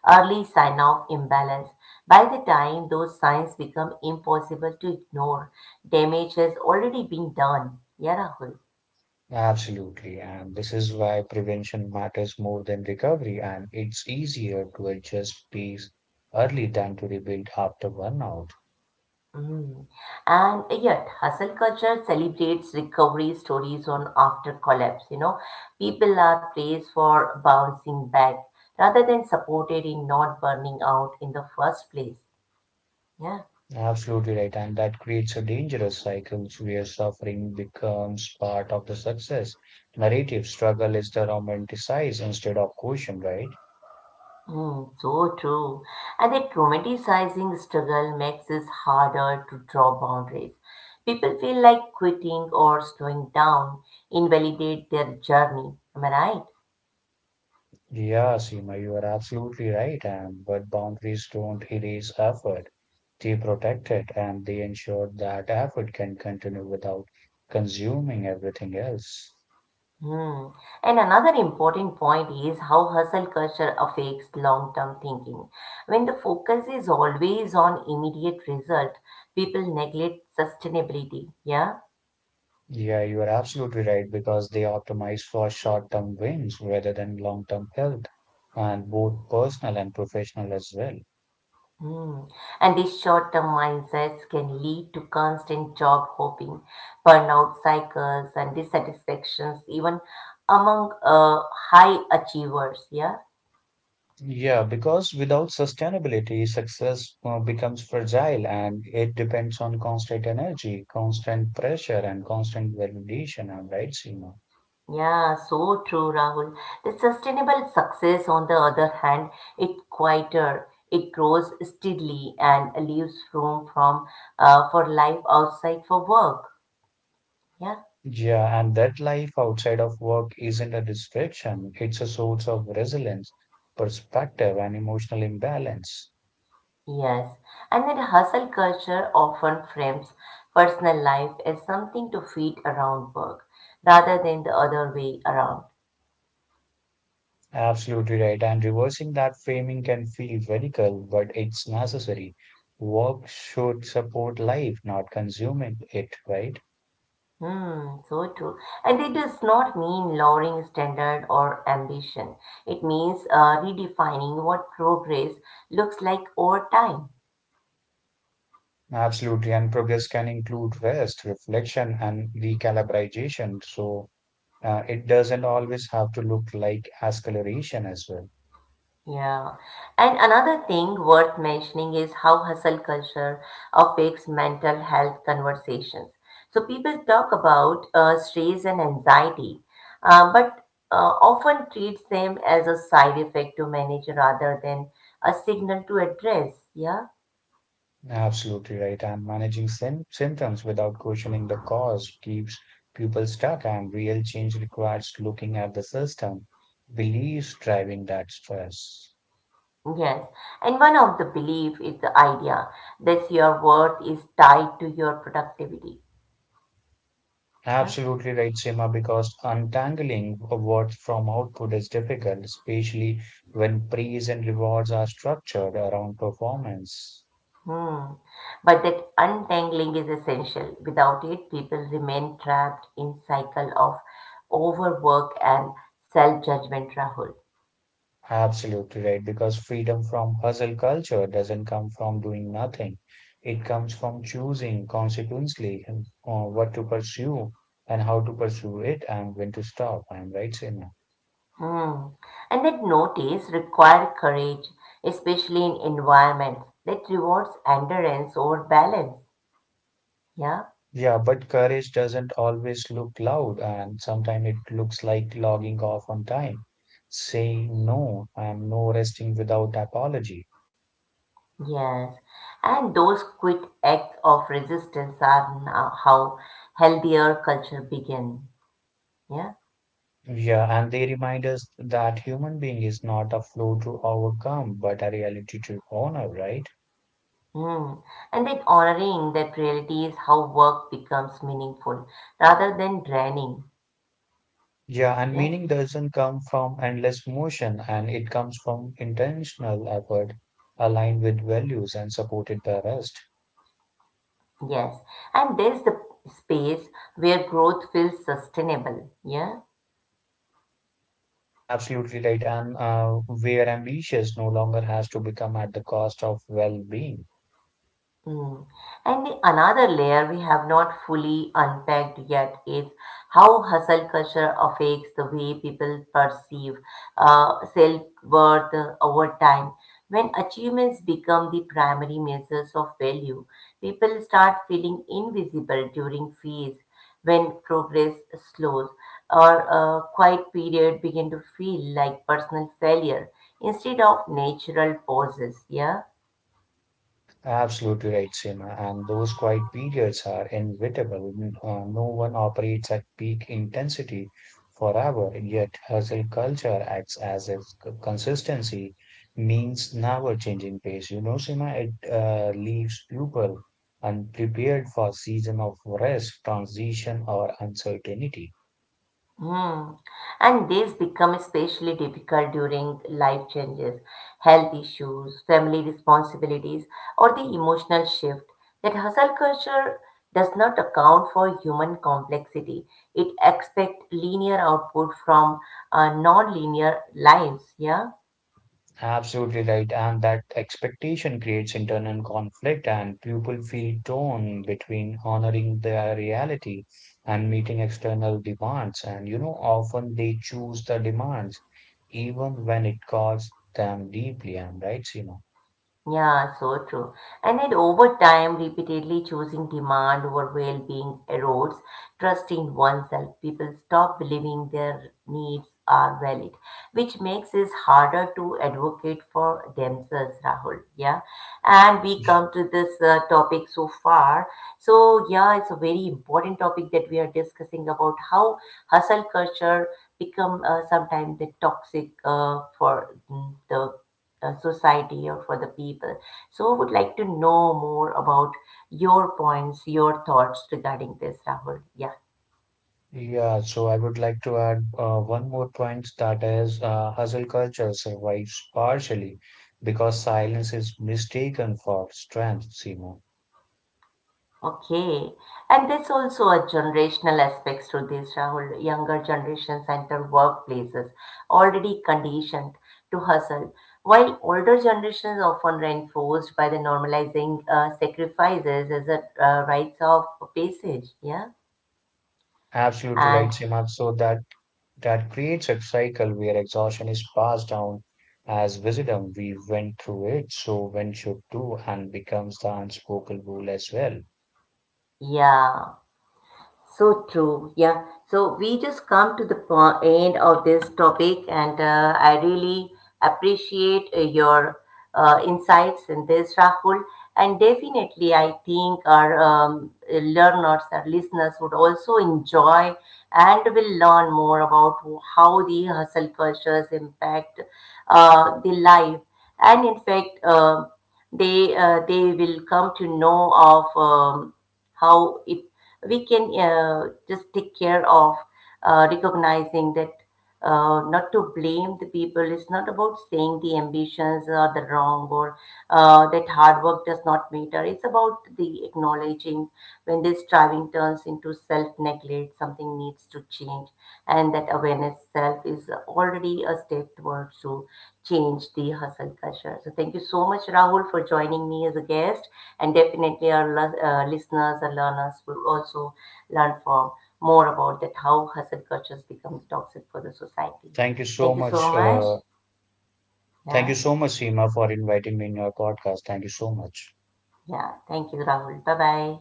Speaker 1: early sign of imbalance. By the time those signs become impossible to ignore, damage has already been done. Yeah, Rahul.
Speaker 2: Absolutely. And this is why prevention matters more than recovery. And it's easier to adjust pace early than to rebuild after burnout.
Speaker 1: Mm. And yet, hustle culture celebrates recovery stories on after collapse. You know, people are praised for bouncing back rather than supported in not burning out in the first place. Yeah,
Speaker 2: Absolutely right. And that creates a dangerous cycle where suffering becomes part of the success narrative. Struggle is the romanticized instead of caution, right?
Speaker 1: mm, so true. And that romanticizing struggle makes it harder to draw boundaries. People feel like quitting or slowing down invalidate their journey. Am I right?
Speaker 2: Yeah, Seema, you are absolutely right. And but boundaries don't erase effort. They protect it and they ensure that effort can continue without consuming everything else.
Speaker 1: Hmm. And another important point is how hustle culture affects long-term thinking. When the focus is always on immediate result, people neglect sustainability. Yeah.
Speaker 2: Yeah, you are absolutely right because they optimize for short-term wins rather than long-term health, and both personal and professional as well.
Speaker 1: Hmm. And these short-term mindsets can lead to constant job hopping, burnout cycles, and dissatisfactions, even among high achievers. Yeah.
Speaker 2: Yeah, because without sustainability, success becomes fragile and it depends on constant energy, constant pressure, and constant validation. All right, Seema.
Speaker 1: Yeah, so true, Rahul. The sustainable success, on the other hand, it's quieter. It grows steadily and leaves room from for life outside for work. Yeah,
Speaker 2: Yeah, and that life outside of work isn't a distraction, it's a source of resilience, perspective, and emotional imbalance.
Speaker 1: yes. And then hustle culture often frames personal life as something to fit around work, rather than the other way around.
Speaker 2: Absolutely right. And reversing that framing can feel radical, but it's necessary. Work should support life, not consume it, right?
Speaker 1: Hmm, so true. And it does not mean lowering standard or ambition. It means redefining what progress looks like over time.
Speaker 2: Absolutely. And progress can include rest, reflection, and recalibration. So it doesn't always have to look like acceleration as well.
Speaker 1: Yeah. And another thing worth mentioning is how hustle culture affects mental health conversations. So people talk about stress and anxiety, but often treats them as a side effect to manage rather than a signal to address. Yeah.
Speaker 2: Absolutely right. And managing symptoms without questioning the cause keeps people stuck, and real change requires looking at the system, beliefs driving that stress.
Speaker 1: Yes, and one of the belief is the idea that your worth is tied to your productivity. Yeah.
Speaker 2: Absolutely right, Seema, because untangling awards from output is difficult, especially when praise and rewards are structured around performance.
Speaker 1: Hmm. But that untangling is essential. Without it, people remain trapped in cycle of overwork and self-judgment, Rahul.
Speaker 2: Absolutely right, because freedom from hustle culture doesn't come from doing nothing. It comes from choosing consequently what to pursue and how to pursue it and when to stop. I'm right, Seema?
Speaker 1: Hmm. And that notice require courage, especially in environments that rewards endurance over balance. Yeah.
Speaker 2: Yeah, but courage doesn't always look loud, and sometimes it looks like logging off on time, saying no, and no resting without apology.
Speaker 1: Yes, and those quick acts of resistance are now how healthier culture begin. Yeah,
Speaker 2: Yeah, and they remind us that human being is not a flow to overcome, but a reality to honor, right?
Speaker 1: mm. And that honoring that reality is how work becomes meaningful rather than draining.
Speaker 2: Yeah, and
Speaker 1: Yes,
Speaker 2: meaning doesn't come from endless motion, and it comes from intentional effort aligned with values and supported by rest.
Speaker 1: yes, and there's the space where growth feels sustainable. Yeah.
Speaker 2: Absolutely right. And where ambitious no longer has to become at the cost of well-being.
Speaker 1: Hmm. And the another layer we have not fully unpacked yet is how hustle culture affects the way people perceive self-worth over time. When achievements become the primary measures of value, people start feeling invisible during phase when progress slows or a quiet period begin to feel like personal failure instead of natural pauses. Yeah.
Speaker 2: Absolutely right, Seema. And those quiet periods are inevitable. No one operates at peak intensity forever, yet hustle culture acts as if consistency means never changing pace. You know, Seema, it leaves people unprepared for season of rest, transition, or uncertainty.
Speaker 1: Hmm. And these become especially difficult during life changes, health issues, family responsibilities, or the emotional shift that hustle culture does not account for human complexity. It expects linear output from non-linear lives. Yeah.
Speaker 2: Absolutely right. And that expectation creates internal conflict, and people feel torn between honoring their reality and meeting external demands. And, you know, often they choose the demands, even when it costs them deeply. And right, you know.
Speaker 1: Yeah, so true. And then over time, repeatedly choosing demand over well-being erodes trust in oneself. People stop believing their needs are valid, which makes it harder to advocate for themselves, Rahul. Yeah. And we come to this topic so far. So, yeah, it's a very important topic that we are discussing about how hustle culture become sometimes the toxic for the society or for the people. So, would like to know more about your points, your thoughts regarding this, Rahul. Yeah.
Speaker 2: Yeah, so I would like to add one more point, that is, hustle culture survives partially because silence is mistaken for strength, Simo.
Speaker 1: Okay. And there's also a generational aspects to this, Rahul. Younger generations enter workplaces already conditioned to hustle, while older generations often reinforced by the normalizing sacrifices as a rites of passage. Yeah.
Speaker 2: Absolutely right,
Speaker 1: And
Speaker 2: Sima. That creates a cycle where exhaustion is passed down as wisdom. We went through it, so one should do, and becomes the unspoken rule as well.
Speaker 1: yeah. So true. Yeah. So we just come to the end of this topic, and I really appreciate your insights in this, Rahul. And definitely, I think our learners, our listeners would also enjoy and will learn more about how the hustle cultures impact the life. And in fact, they will come to know of how it we can just take care of recognizing that not to blame the people. It's not about saying the ambitions are the wrong or that hard work does not matter. It's about the acknowledging when this striving turns into self neglect, something needs to change, and that awareness self is already a step towards to change the hustle culture. So, thank you so much, Rahul, for joining me as a guest and definitely our listeners and learners will also learn from more about that how hustle cultures become toxic for the society.
Speaker 2: Thank you so
Speaker 1: Thank you so
Speaker 2: much.
Speaker 1: much.
Speaker 2: Thank you
Speaker 1: Yeah,
Speaker 2: so much, Seema, for inviting me in your podcast. Thank you so much.
Speaker 1: yeah. Thank you, Rahul. Bye bye.